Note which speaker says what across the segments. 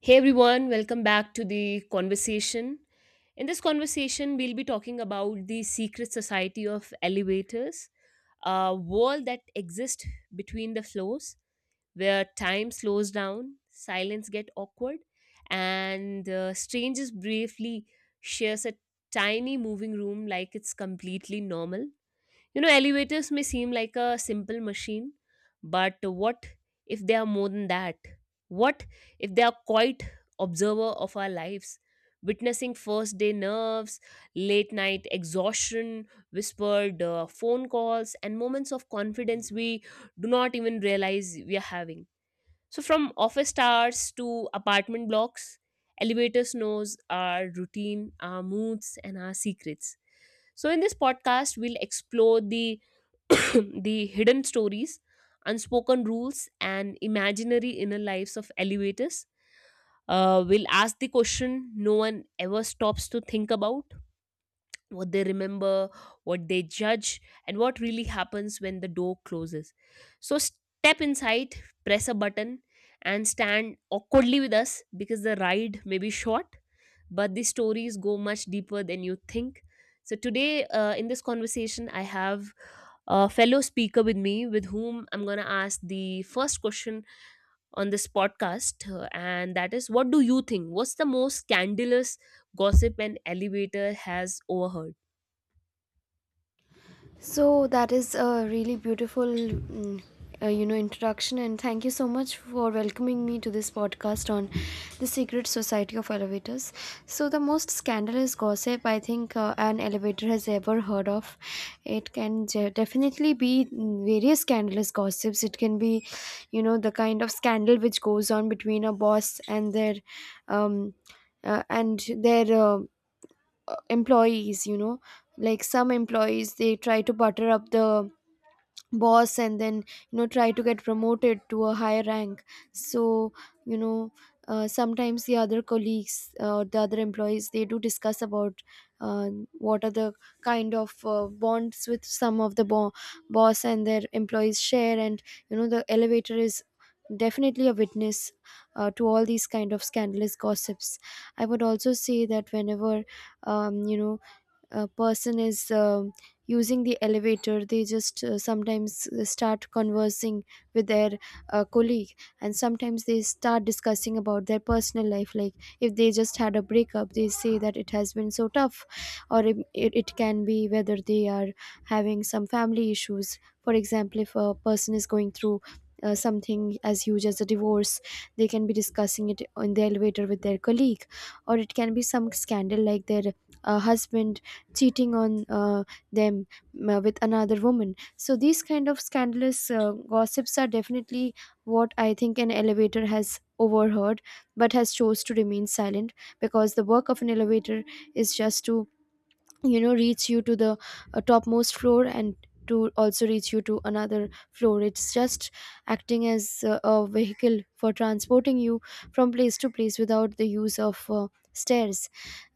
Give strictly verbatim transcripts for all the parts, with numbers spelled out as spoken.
Speaker 1: Hey everyone, welcome back to the conversation. In this conversation, we'll be talking about the secret society of elevators, a wall that exists between the floors where time slows down, silence get awkward, and uh, strangers briefly shares a tiny moving room like it's completely normal. You know, elevators may seem like a simple machine, but what if they are more than that? What if they are quite observer of our lives, witnessing first day nerves, late night exhaustion, whispered uh, phone calls, and moments of confidence we do not even realize we are having. So, from office towers to apartment blocks, elevators knows our routine, our moods, and our secrets. So, in this podcast, we'll explore the the hidden stories, unspoken rules, and imaginary inner lives of elevators. Uh, will ask the question no one ever stops to think about what they remember, what they judge, and what really happens when the door closes. So step inside, press a button, and stand awkwardly with us because the ride may be short, but the stories go much deeper than you think. So, today uh, in this conversation, I have a fellow speaker with me with whom I'm going to ask the first question on this podcast. uh, And that is, what do you think? What's the most scandalous gossip an elevator has overheard?
Speaker 2: So that is a really beautiful, mm, uh, you know, introduction, and thank you so much for welcoming me to this podcast on the secret society of elevators. So the most scandalous gossip I think uh, an elevator has ever heard of. It can je- definitely be mm, various scandalous gossips. It can be, you know, the kind of scandal which goes on between a boss and their, um, uh, and their uh, uh, employees, you know, like some employees, they try to butter up the boss, and then, you know, try to get promoted to a higher rank. So, you know, uh, sometimes the other colleagues, uh, the other employees, they do discuss about uh, what are the kind of uh, bonds with some of the bo- boss and their employees share. And, you know, the elevator is definitely a witness uh, to all these kind of scandalous gossips. I would also say that whenever, um, you know, a person is um using the elevator, they just uh, sometimes start conversing with their uh, colleague, and sometimes they start discussing about their personal life. Like if they just had a breakup, they say that it has been so tough. Or it, it, it can be whether they are having some family issues. For example, if a person is going through uh, something as huge as a divorce, they can be discussing it in the elevator with their colleague. Or it can be some scandal like their uh, husband cheating on uh, them uh, with another woman. So these kind of scandalous uh, gossips are definitely what I think an elevator has overheard, but has chose to remain silent, because the work of an elevator is just to, you know, reach you to the uh, topmost floor, and to also reach you to another floor. It's just acting as uh, a vehicle for transporting you from place to place without the use of uh, stairs.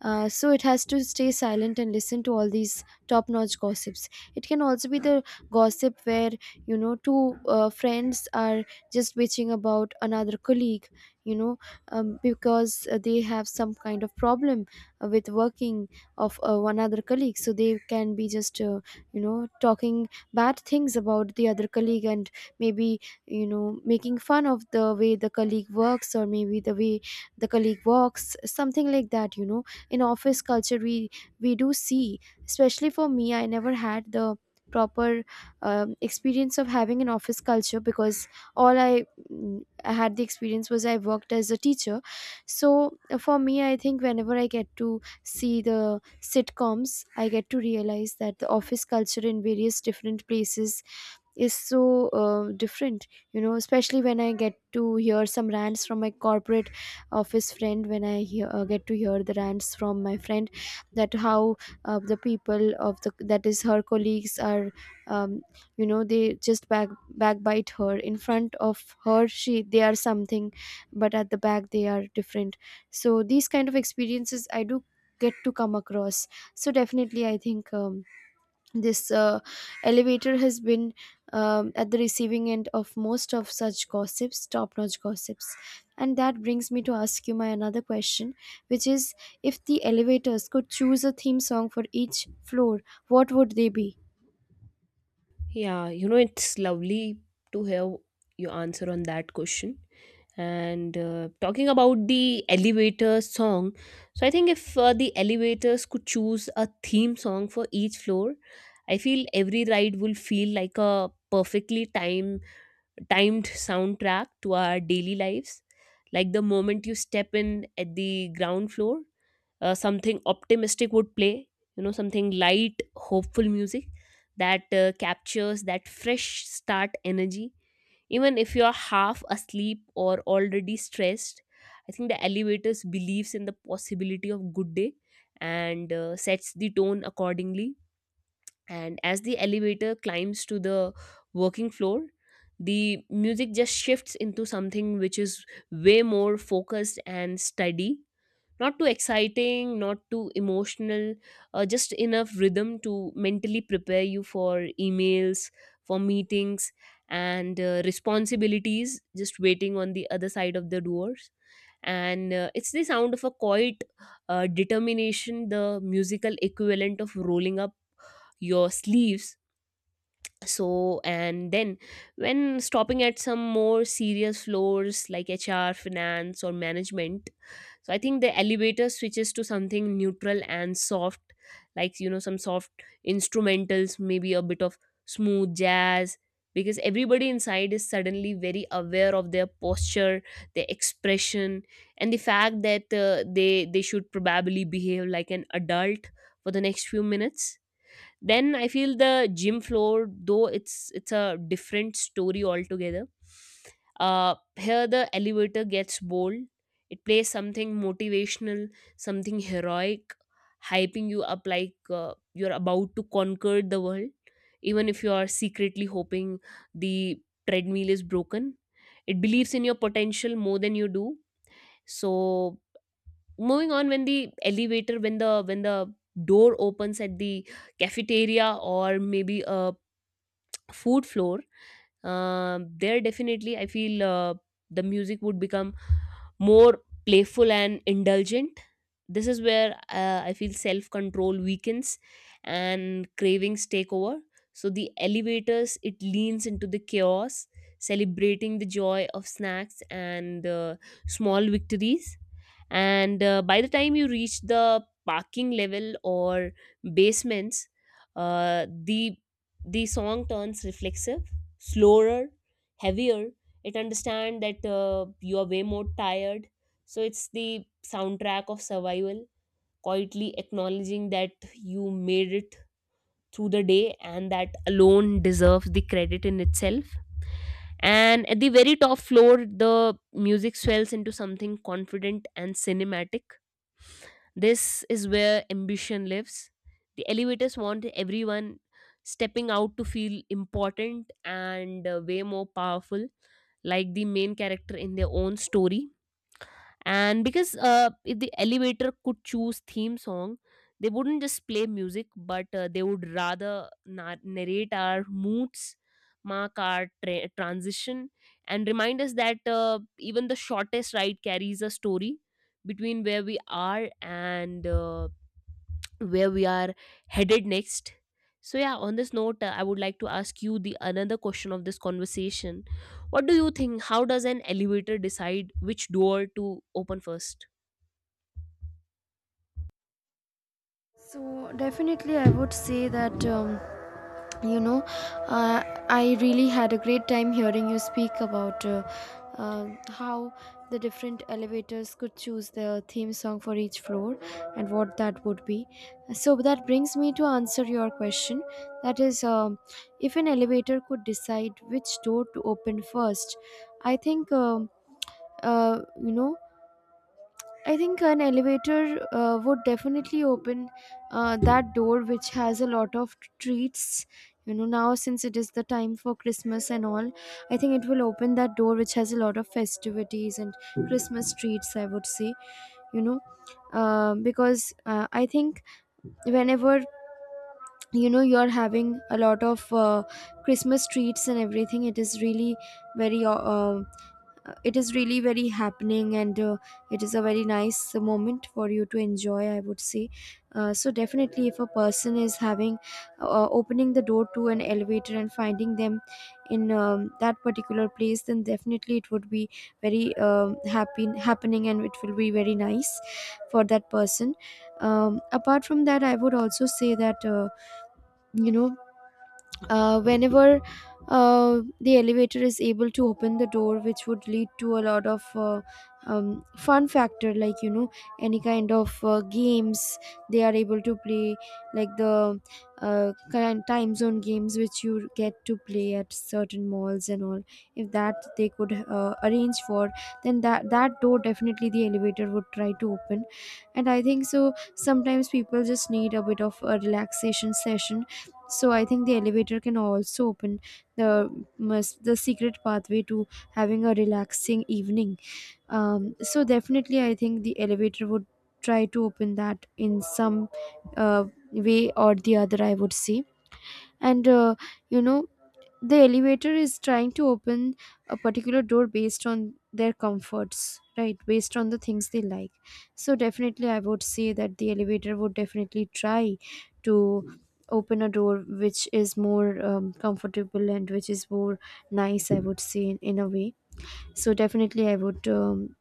Speaker 2: Uh, so it has to stay silent and listen to all these top notch gossips. It can also be the gossip where, you know, two uh, friends are just bitching about another colleague, you know, um, because uh, they have some kind of problem uh, with working of uh, one other colleague. So they can be just, uh, you know, talking bad things about the other colleague, and maybe, you know, making fun of the way the colleague works, or maybe the way the colleague walks, something like that, you know. In office culture, we we do see, especially for me, I never had the proper um, experience of having an office culture, because all I, mm, I had the experience was I worked as a teacher. So uh, for me, I think whenever I get to see the sitcoms, I get to realize that the office culture in various different places is so uh, different, you know, especially when I get to hear some rants from my corporate office friend, when i hear, uh, get to hear the rants from my friend, that how uh, the people of the, that is her colleagues, are um, you know, they just back backbite her. In front of her, she, they are something, but at the back they are different. So these kind of experiences I do get to come across. So definitely I think, um, this uh, elevator has been, um, at the receiving end of most of such gossips, top notch gossips. And that brings me to ask you my another question, which is, if the elevators could choose a theme song for each floor, what would they be?
Speaker 1: Yeah, you know, it's lovely to hear your answer on that question. And uh, talking about the elevator song, so I think if uh, the elevators could choose a theme song for each floor, I feel every ride will feel like a perfectly timed timed soundtrack to our daily lives. Like the moment you step in at the ground floor, uh, something optimistic would play, you know, something light, hopeful music that uh, captures that fresh start energy. Even if you're half asleep or already stressed, I think the elevators believes in the possibility of good day and uh, sets the tone accordingly. And as the elevator climbs to the working floor, the music just shifts into something which is way more focused and steady, not too exciting, not too emotional, uh, just enough rhythm to mentally prepare you for emails, for meetings, and uh, responsibilities just waiting on the other side of the doors. And uh, it's the sound of a quiet uh, determination, the musical equivalent of rolling up your sleeves. So and then when stopping at some more serious floors like HR, finance, or management, so I think the elevator switches to something neutral and soft, like you know, some soft instrumentals, maybe a bit of smooth jazz, because everybody inside is suddenly very aware of their posture, their expression, and the fact that uh, they they should probably behave like an adult for the next few minutes. Then I feel the gym floor, though it's it's a different story altogether. Uh, here the elevator gets bold. It plays something motivational, something heroic, hyping you up like uh, you're about to conquer the world, even if you are secretly hoping the treadmill is broken. It believes in your potential more than you do. So moving on, when the elevator when the when the door opens at the cafeteria or maybe a food floor, um, there definitely I feel uh, the music would become more playful and indulgent. This is where uh, I feel self control weakens and cravings take over. So the elevators, it leans into the chaos, celebrating the joy of snacks and uh, small victories. And uh, by the time you reach the parking level or basements, uh, the the song turns reflexive, slower, heavier. It understands that uh, you are way more tired, so it's the soundtrack of survival, quietly acknowledging that you made it through the day, and that alone deserves the credit in itself. And at the very top floor, the music swells into something confident and cinematic. This is where ambition lives. The elevators want everyone stepping out to feel important and uh, way more powerful, like the main character in their own story. And because uh, if the elevator could choose theme song, they wouldn't just play music, but uh, they would rather na- narrate our moods, mark our tra- transition, and remind us that uh, even the shortest ride carries a story between where we are and uh, where we are headed next. So yeah, on this note, uh, I would like to ask you the another question of this conversation. What do you think? How does an elevator decide which door to open first?
Speaker 2: So definitely I would say that, um, you know, uh, I really had a great time hearing you speak about uh, uh, how the different elevators could choose their theme song for each floor and what that would be. So that brings me to answer your question. That is, um, if an elevator could decide which door to open first, I think. Um uh, you know, I think an elevator uh, would definitely open uh, that door, which has a lot of treats. You know, now since it is the time for Christmas and all, I think it will open that door, which has a lot of festivities and Christmas treats, I would say, you know, uh, because uh, I think whenever, you know, you're having a lot of uh, christmas treats and everything, it is really very uh, uh, it is really very happening, and uh, it is a very nice moment for you to enjoy, I would say. Uh, so definitely, if a person is having, uh, opening the door to an elevator and finding them in, um, that particular place, then definitely it would be very, um, happy happening, and it will be very nice for that person. um, apart from that, I would also say that, uh, you know, uh, whenever uh, the elevator is able to open the door, which would lead to a lot of, uh, um, fun factor, like, you know, any kind of uh, games they are able to play, like the uh, kind time zone games, which you get to play at certain malls and all, if that they could uh, arrange for, then that that door definitely the elevator would try to open. And I think so sometimes people just need a bit of a relaxation session. So I think the elevator can also open the must, the secret pathway to having a relaxing evening. Um, so definitely, I think the elevator would try to open that in some uh, way or the other, I would say. And, uh, you know, the elevator is trying to open a particular door based on their comforts, right? Based on the things they like. So definitely I would say that the elevator would definitely try to open a door which is more, um, comfortable, and which is more nice, I would say, in, in a way. So definitely I would, um,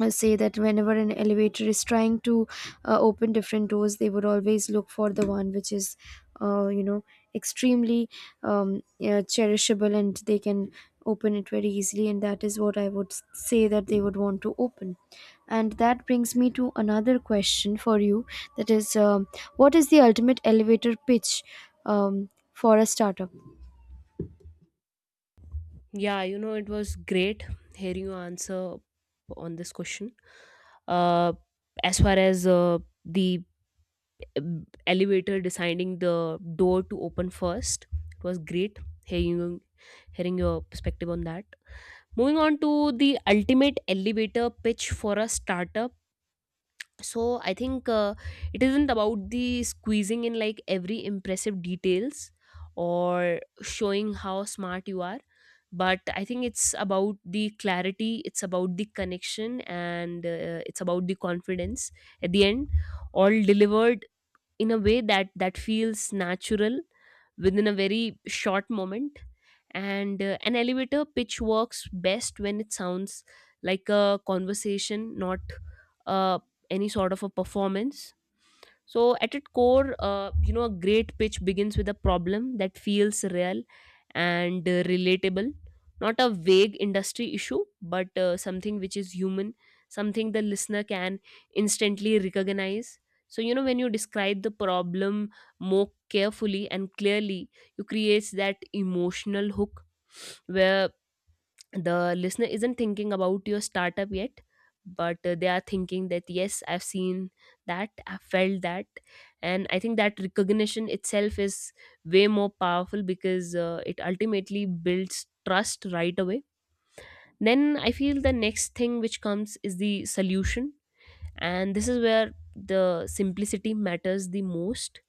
Speaker 2: uh, say that whenever an elevator is trying to uh, open different doors, they would always look for the one which is, uh, you know, extremely, um, yeah, cherishable, and they can open it very easily. And that is what I would s- say that they would want to open. And that brings me to another question for you, that is, um, what is the ultimate elevator pitch um, for a startup?
Speaker 1: Yeah, you know, it was great hearing your answer on this question. Uh, as far as uh, the uh, elevator deciding the door to open first, it was great hearing hearing your perspective on that. Moving on to the ultimate elevator pitch for a startup. So I think uh, it isn't about the squeezing in like every impressive details or showing how smart you are, but I think it's about the clarity, it's about the connection, and uh, it's about the confidence. At the end, all delivered in a way that that feels natural within a very short moment. And uh, an elevator pitch works best when it sounds like a conversation, not uh, any sort of a performance. So, at its core, uh, you know, a great pitch begins with a problem that feels real and uh, relatable, not a vague industry issue, but uh, something which is human, something the listener can instantly recognize. So, you know, when you describe the problem more carefully and clearly, you create that emotional hook where the listener isn't thinking about your startup yet, but uh, they are thinking that yes, I've seen that, I have felt that. And I think that recognition itself is way more powerful because uh, it ultimately builds trust right away. Then I feel the next thing which comes is the solution, and this is where the simplicity matters the most.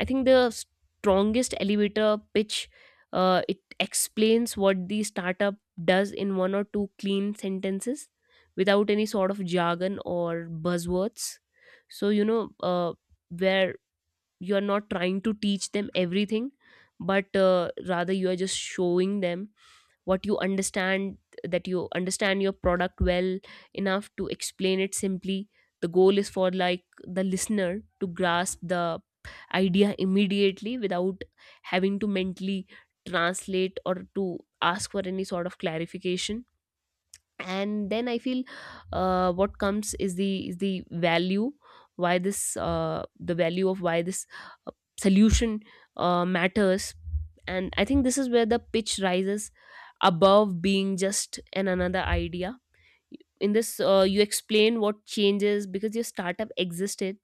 Speaker 1: I think the strongest elevator pitch, uh, it explains what the startup does in one or two clean sentences without any sort of jargon or buzzwords. So you know uh, where you are not trying to teach them everything, but uh, rather you are just showing them what you understand, that you understand your product well enough to explain it simply. The goal is for like the listener to grasp the idea immediately without having to mentally translate or to ask for any sort of clarification. And then I feel uh, what comes is the is the value, why this uh, the value of why this uh, solution uh, matters. And I think this is where the pitch rises above being just an another idea. In this, uh, you explain what changes because your startup existed.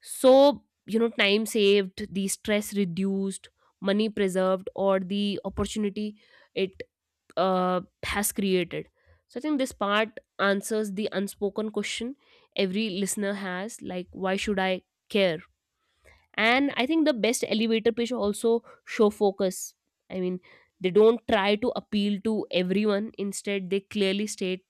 Speaker 1: So you know, time saved, the stress reduced, money preserved, or the opportunity it uh, has created. So I think this part answers the unspoken question every listener has, like why should I care. And I think the best elevator pitch also show focus. I mean, they don't try to appeal to everyone, instead they clearly state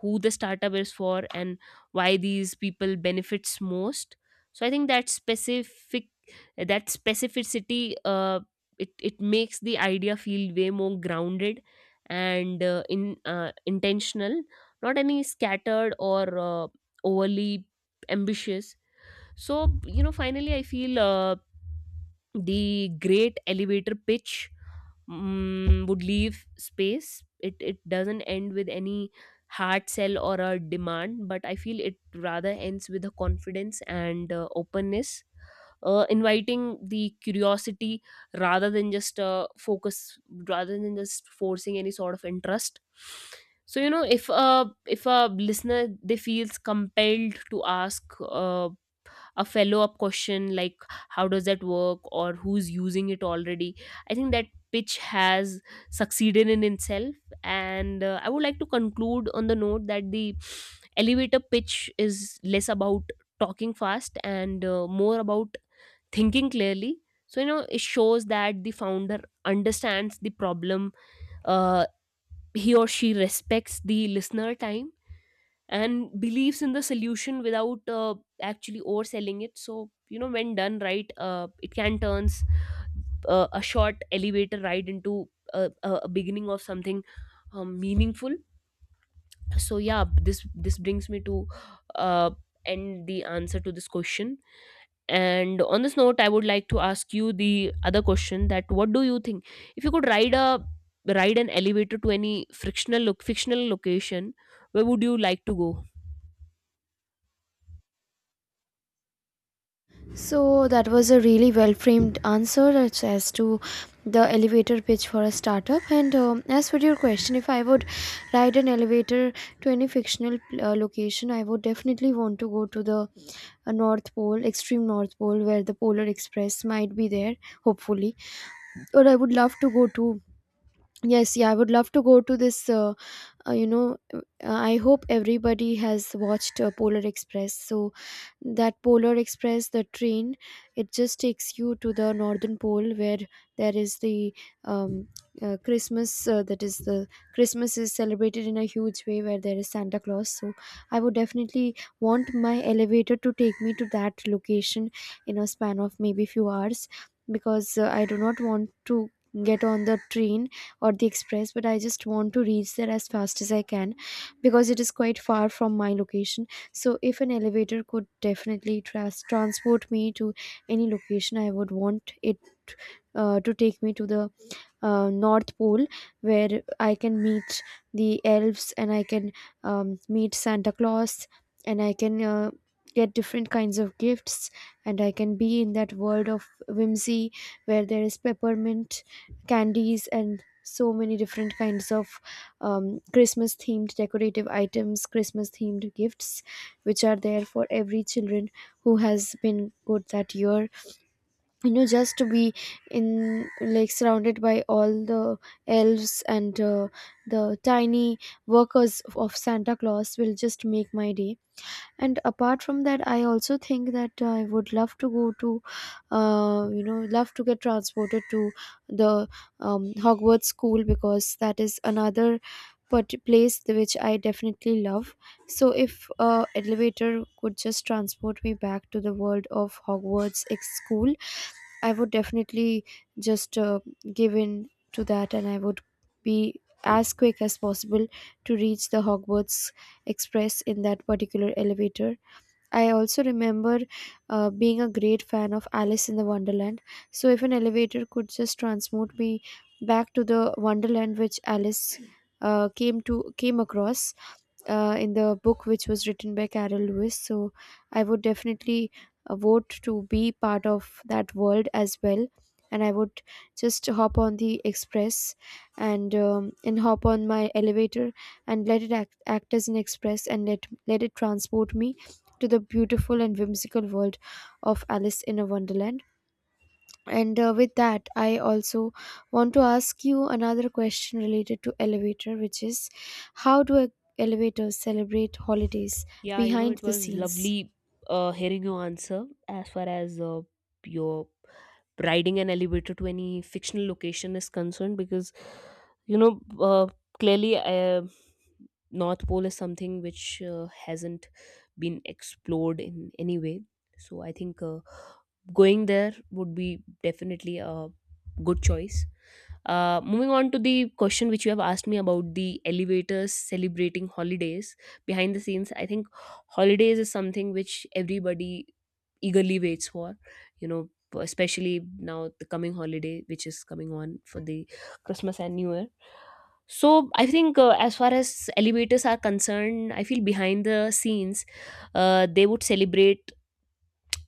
Speaker 1: who the startup is for and why these people benefits most. So I think that specific that specificity, uh, it, it makes the idea feel way more grounded and uh, in uh, intentional, not any scattered or uh, overly ambitious. So, you know, finally, I feel uh, the great elevator pitch, mm, would leave space. It, it doesn't end with any hard sell or a demand, but I feel it rather ends with a confidence and uh, openness, uh, inviting the curiosity rather than just uh, focus, rather than just forcing any sort of interest. So you know, if a if a listener they feels compelled to ask. Uh, a follow up question like how does that work or who's using it already, I think that pitch has succeeded in itself. And uh, I would like to conclude on the note that the elevator pitch is less about talking fast and uh, more about thinking clearly. So you know, it shows that the founder understands the problem, uh, he or she respects the listener time and believes in the solution without uh, actually overselling it. So you know, when done right, uh, it can turns uh, a short elevator ride into a, a a beginning of something um, meaningful. So yeah, this this brings me to uh, end the answer to this question. And on this note, I would like to ask you the other question: that what do you think, if you could ride a ride an elevator to any frictional look fictional location, where would you like to go?
Speaker 2: So that was a really well framed answer as, as to the elevator pitch for a startup. And, um, as for your question, if I would ride an elevator to any fictional uh, location, I would definitely want to go to the uh, North Pole, extreme North Pole, where the Polar Express might be there, hopefully. Or I would love to go to. Yes, yeah, I would love to go to this. Uh, uh, you know, uh, I hope everybody has watched uh, Polar Express. So that polar express, the train, it just takes you to the northern pole, where there is the, um, uh, christmas, uh, that is, the christmas is celebrated in a huge way, where there is santa claus. So I would definitely want my elevator to take me to that location in a span of maybe few hours, because uh, I do not want to get on the train or the express, but I just want to reach there as fast as I can, because it is quite far from my location. So if an elevator could definitely tras transport me to any location, I would want it uh, to take me to the uh, North Pole, where I can meet the elves, and I can, um, meet Santa Claus, and I can uh, get different kinds of gifts, and I can be in that world of whimsy, where there is peppermint candies and so many different kinds of, um, Christmas themed decorative items, Christmas themed gifts, which are there for every children who has been good that year. You know, just to be in, like surrounded by all the elves, and uh, the tiny workers of santa claus, will just make my day. And apart from that, I also think that I would love to go to, uh, you know, love to get transported to the, um, hogwarts school, because that is another but place which I definitely love. So if uh, elevator could just transport me back to the world of hogwarts ex school, I would definitely just, uh, give in to that, and I would be as quick as possible to reach the Hogwarts Express in that particular elevator. I also remember uh, being a great fan of Alice in the Wonderland. So if an elevator could just transport me back to the Wonderland, which Alice uh, came to came across uh, in the book, which was written by Carol Lewis, so I would definitely uh, vote to be part of that world as well. And I would just hop on the express and um, and hop on my elevator and let it act, act as an express and let let it transport me to the beautiful and whimsical world of Alice in a Wonderland. And uh, with that, I also want to ask you another question related to elevator, which is how do e-, elevators celebrate holidays
Speaker 1: Yeah, you know,
Speaker 2: behind
Speaker 1: it
Speaker 2: the
Speaker 1: was
Speaker 2: scenes?
Speaker 1: lovely uh, hearing your answer as far as uh, your riding an elevator to any fictional location is concerned because, you know, uh, clearly uh, North Pole is something which uh, hasn't been explored in any way. So I think uh, going there would be definitely a good choice. Uh, moving on to the question which you have asked me about the elevators celebrating holidays behind the scenes, I think holidays is something which everybody eagerly waits for, you know, especially now the coming holiday which is coming on for the Christmas and New Year. So I think uh, as far as elevators are concerned, I feel behind the scenes uh, they would celebrate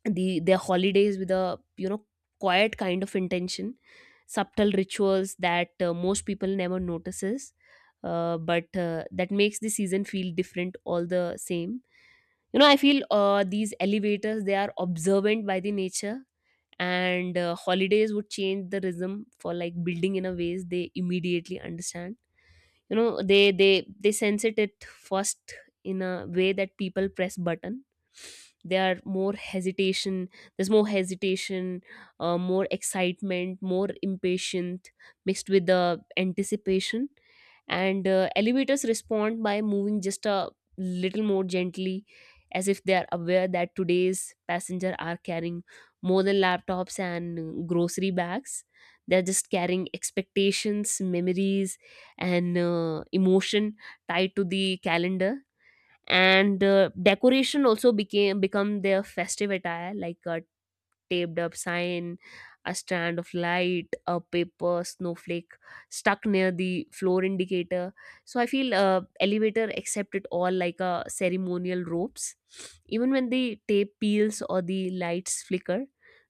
Speaker 1: the their holidays with a, you know, quiet kind of intention, subtle rituals that uh, most people never notices, uh, but uh, that makes the season feel different all the same. You know, I feel uh, these elevators, they are observant by the nature, and uh, holidays would change the rhythm for like building in a ways they immediately understand. You know, they they they sense it at first in a way that people press button. There are more hesitation, there's more hesitation, uh, more excitement, more impatient, mixed with the anticipation. And uh, elevators respond by moving just a little more gently, as if they are aware that today's passenger are carrying more than laptops and grocery bags. They're just carrying expectations, memories, and uh, emotion tied to the calendar. And uh, decoration also became become their festive attire, like a taped up sign, a strand of light, a paper snowflake stuck near the floor indicator. So I feel uh, elevator accept it all like a ceremonial ropes. Even when the tape peels or the lights flicker,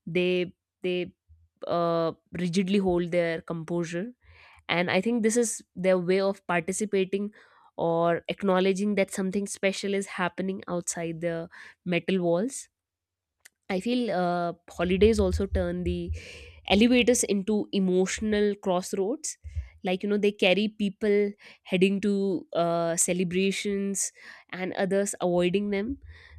Speaker 1: they they uh, rigidly hold their composure, and I think this is their way of participating or acknowledging that something special is happening outside the metal walls. I feel uh, holidays also turn the elevators into emotional crossroads. Like, you know, they carry people heading to uh, celebrations and others avoiding them.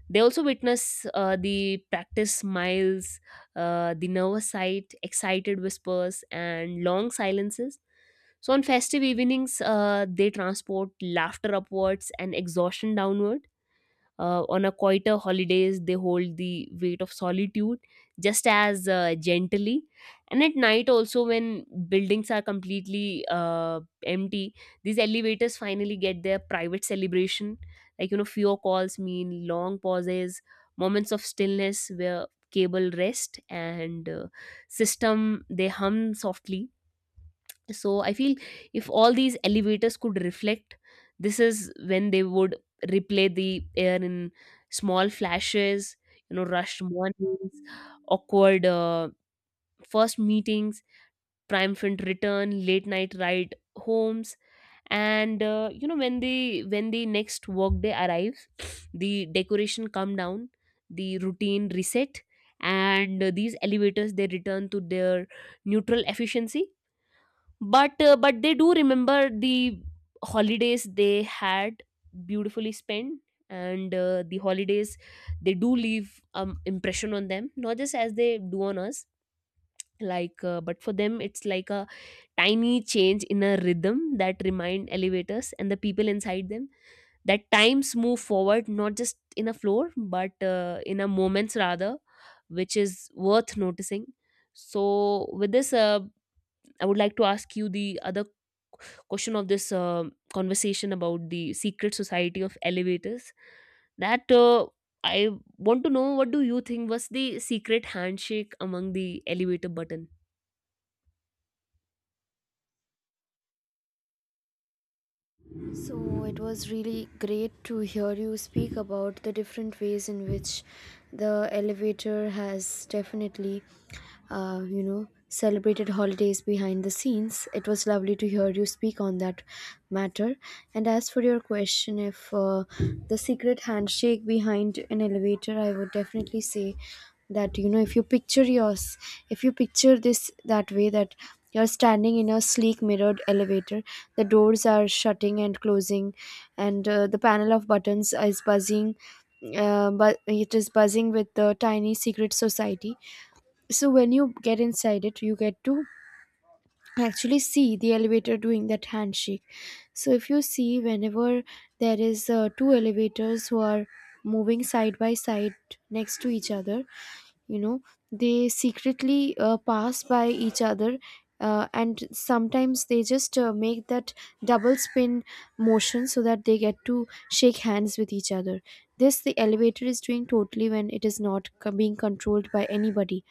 Speaker 1: They also witness uh, the practiced smiles, uh, the nervous sight, excited whispers, and long silences. So, on festive evenings, uh, they transport laughter upwards and exhaustion downward. Uh, on a quieter holidays, they hold the weight of solitude just as uh, gently. And at night, also, when buildings are completely uh, empty, these elevators finally get their private celebration. Like, you know, fewer calls mean long pauses, moments of stillness where cable rest and uh, system they hum softly. So I feel if all these elevators could reflect, this is when they would replay the air in small flashes. You know, rushed mornings, awkward uh, first meetings, triumphant return, late night ride homes. And uh, you know, when the when the next workday arrives, the decoration come down, the routine reset, and uh, these elevators, they return to their neutral efficiency. But uh, but they do remember the holidays they had beautifully spent. And uh, the holidays, they do leave um impression on them, not just as they do on us. Like uh, but for them it's like a tiny change in a rhythm that remind elevators and the people inside them that times move forward, not just in a floor but uh, in a moments rather, which is worth noticing. So with this uh, I would like to ask you the other question of this uh, conversation about the secret society of elevators. That uh, I want to know, what do you think was the secret handshake among the elevator button?
Speaker 2: So it was really great to hear you speak about the different ways in which the elevator has definitely, uh, you know, celebrated holidays behind the scenes. It was lovely to hear you speak on that matter. And as for your question, if uh, the secret handshake behind an elevator, I would definitely say that, you know, if you picture yours if you picture this that way, that you're standing in a sleek mirrored elevator. The doors are shutting and closing, and uh, the panel of buttons is buzzing. Uh, but it is buzzing with the tiny secret society. So when you get inside it, you get to actually see the elevator doing that handshake. So if you see, whenever there is uh, two elevators who are moving side by side next to each other, you know, they secretly uh, pass by each other uh, and sometimes they just uh, make that double spin motion so that they get to shake hands with each other. This the elevator is doing totally when it is not co- being controlled by anybody.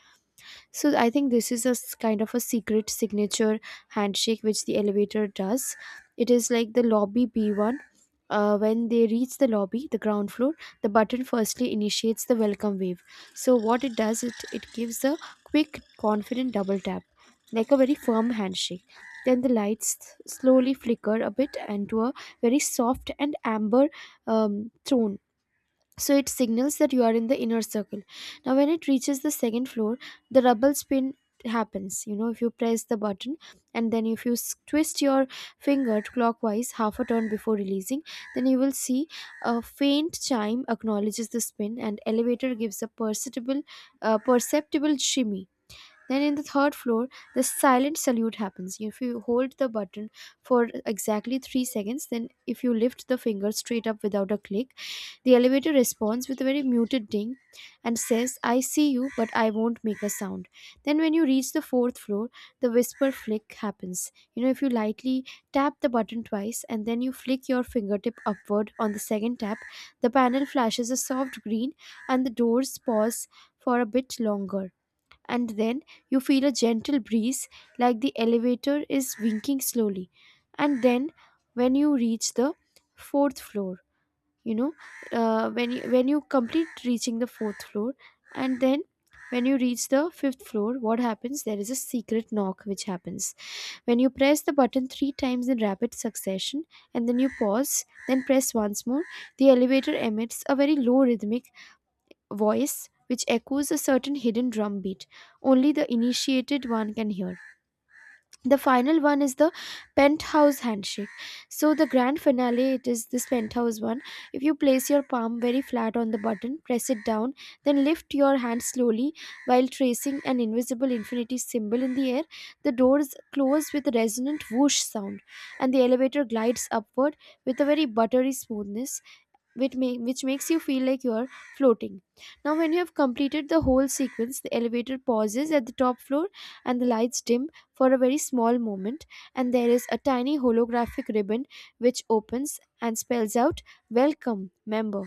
Speaker 2: So I think this is a s- kind of a secret signature handshake which the elevator does. It is like the lobby B one. Uh, when they reach the lobby, the ground floor, the button firstly initiates the welcome wave. So what it does, it it gives a quick, confident double tap, like a very firm handshake. Then the lights slowly flicker a bit and to a very soft and amber um, tone, so it signals that you are in the inner circle. Now when it reaches the second floor, the rubble spin happens. You know, if you press the button and then if you s- twist your finger clockwise half a turn before releasing, then you will see a faint chime acknowledges the spin, and elevator gives a perceptible uh, perceptible shimmy. Then in the third floor, the silent salute happens. If you hold the button for exactly three seconds, then if you lift the finger straight up without a click, the elevator responds with a very muted ding and says, I see you, but I won't make a sound. Then when you reach the fourth floor, the whisper flick happens. You know, if you lightly tap the button twice and then you flick your fingertip upward on the second tap, the panel flashes a soft green and the doors pause for a bit longer, and then you feel a gentle breeze, like the elevator is winking slowly. And then when you reach the fourth floor, you know, uh, when you, when you complete reaching the fourth floor, and then when you reach the fifth floor, what happens? There is a secret knock which happens. When you press the button three times in rapid succession and then you pause, then press once more, the elevator emits a very low rhythmic voice which echoes a certain hidden drum beat only the initiated one can hear. The final one is the penthouse handshake. So the grand finale, it is this penthouse one. If you place your palm very flat on the button, press it down, then lift your hand slowly while tracing an invisible infinity symbol in the air, the doors close with a resonant whoosh sound and the elevator glides upward with a very buttery smoothness, which, make, which makes you feel like you are floating. Now, when you have completed the whole sequence, the elevator pauses at the top floor and the lights dim for a very small moment, and there is a tiny holographic ribbon which opens and spells out Welcome, member.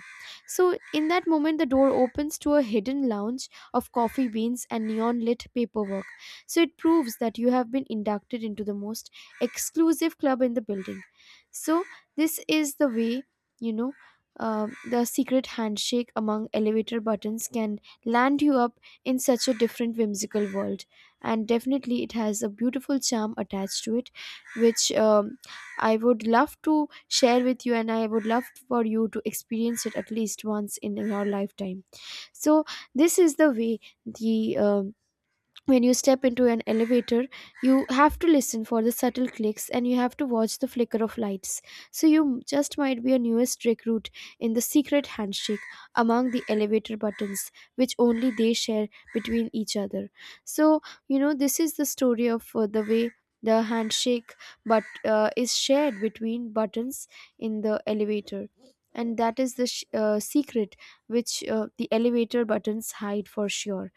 Speaker 2: So, in that moment, the door opens to a hidden lounge of coffee beans and neon lit paperwork. So, it proves that you have been inducted into the most exclusive club in the building. So, this is the way, you know, uh, the secret handshake among elevator buttons can land you up in such a different whimsical world, and definitely it has a beautiful charm attached to it which, um, I would love to share with you, and I would love for you to experience it at least once in your lifetime. So this is the way. The um, when you step into an elevator, you have to listen for the subtle clicks and you have to watch the flicker of lights, so you just might be a newest recruit in the secret handshake among the elevator buttons, which only they share between each other. So, you know, this is the story of uh, the way the handshake, but uh, is shared between buttons in the elevator, and that is the sh- uh, secret which uh, the elevator buttons hide for sure.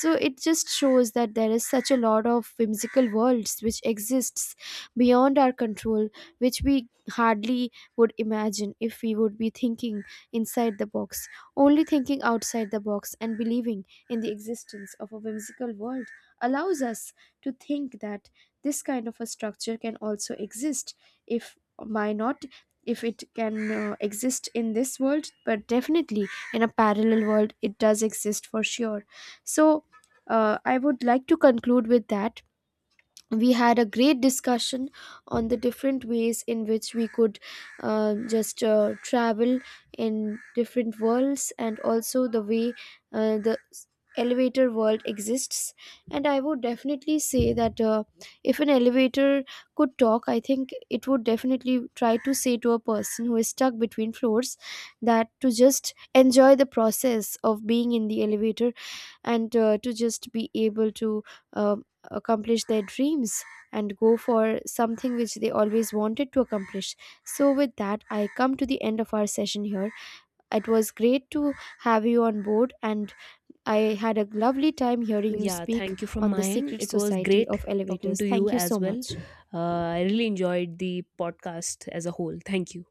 Speaker 2: So it just shows that there is such a lot of whimsical worlds which exists beyond our control, which we hardly would imagine if we would be thinking inside the box. Only thinking outside the box and believing in the existence of a whimsical world allows us to think that this kind of a structure can also exist. If why not, if it can uh, exist in this world, but definitely in a parallel world it does exist for sure. So uh, I would like to conclude with that. We had a great discussion on the different ways in which we could uh, just uh, travel in different worlds, and also the way uh, the s- elevator world exists. And I would definitely say that uh, if an elevator could talk, I think it would definitely try to say to a person who is stuck between floors that to just enjoy the process of being in the elevator and uh, to just be able to um accomplish their dreams and go for something which they always wanted to accomplish. So, with that, I come to the end of our session here. It was great to have you on board, and I had a lovely time hearing you
Speaker 1: Yeah,
Speaker 2: speak
Speaker 1: thank you from
Speaker 2: on the
Speaker 1: my end.
Speaker 2: secret
Speaker 1: It was
Speaker 2: society
Speaker 1: great
Speaker 2: of
Speaker 1: talking
Speaker 2: elevators.
Speaker 1: to you
Speaker 2: Thank you
Speaker 1: as
Speaker 2: so
Speaker 1: well.
Speaker 2: much.
Speaker 1: Uh, I really enjoyed the podcast as a whole. Thank you.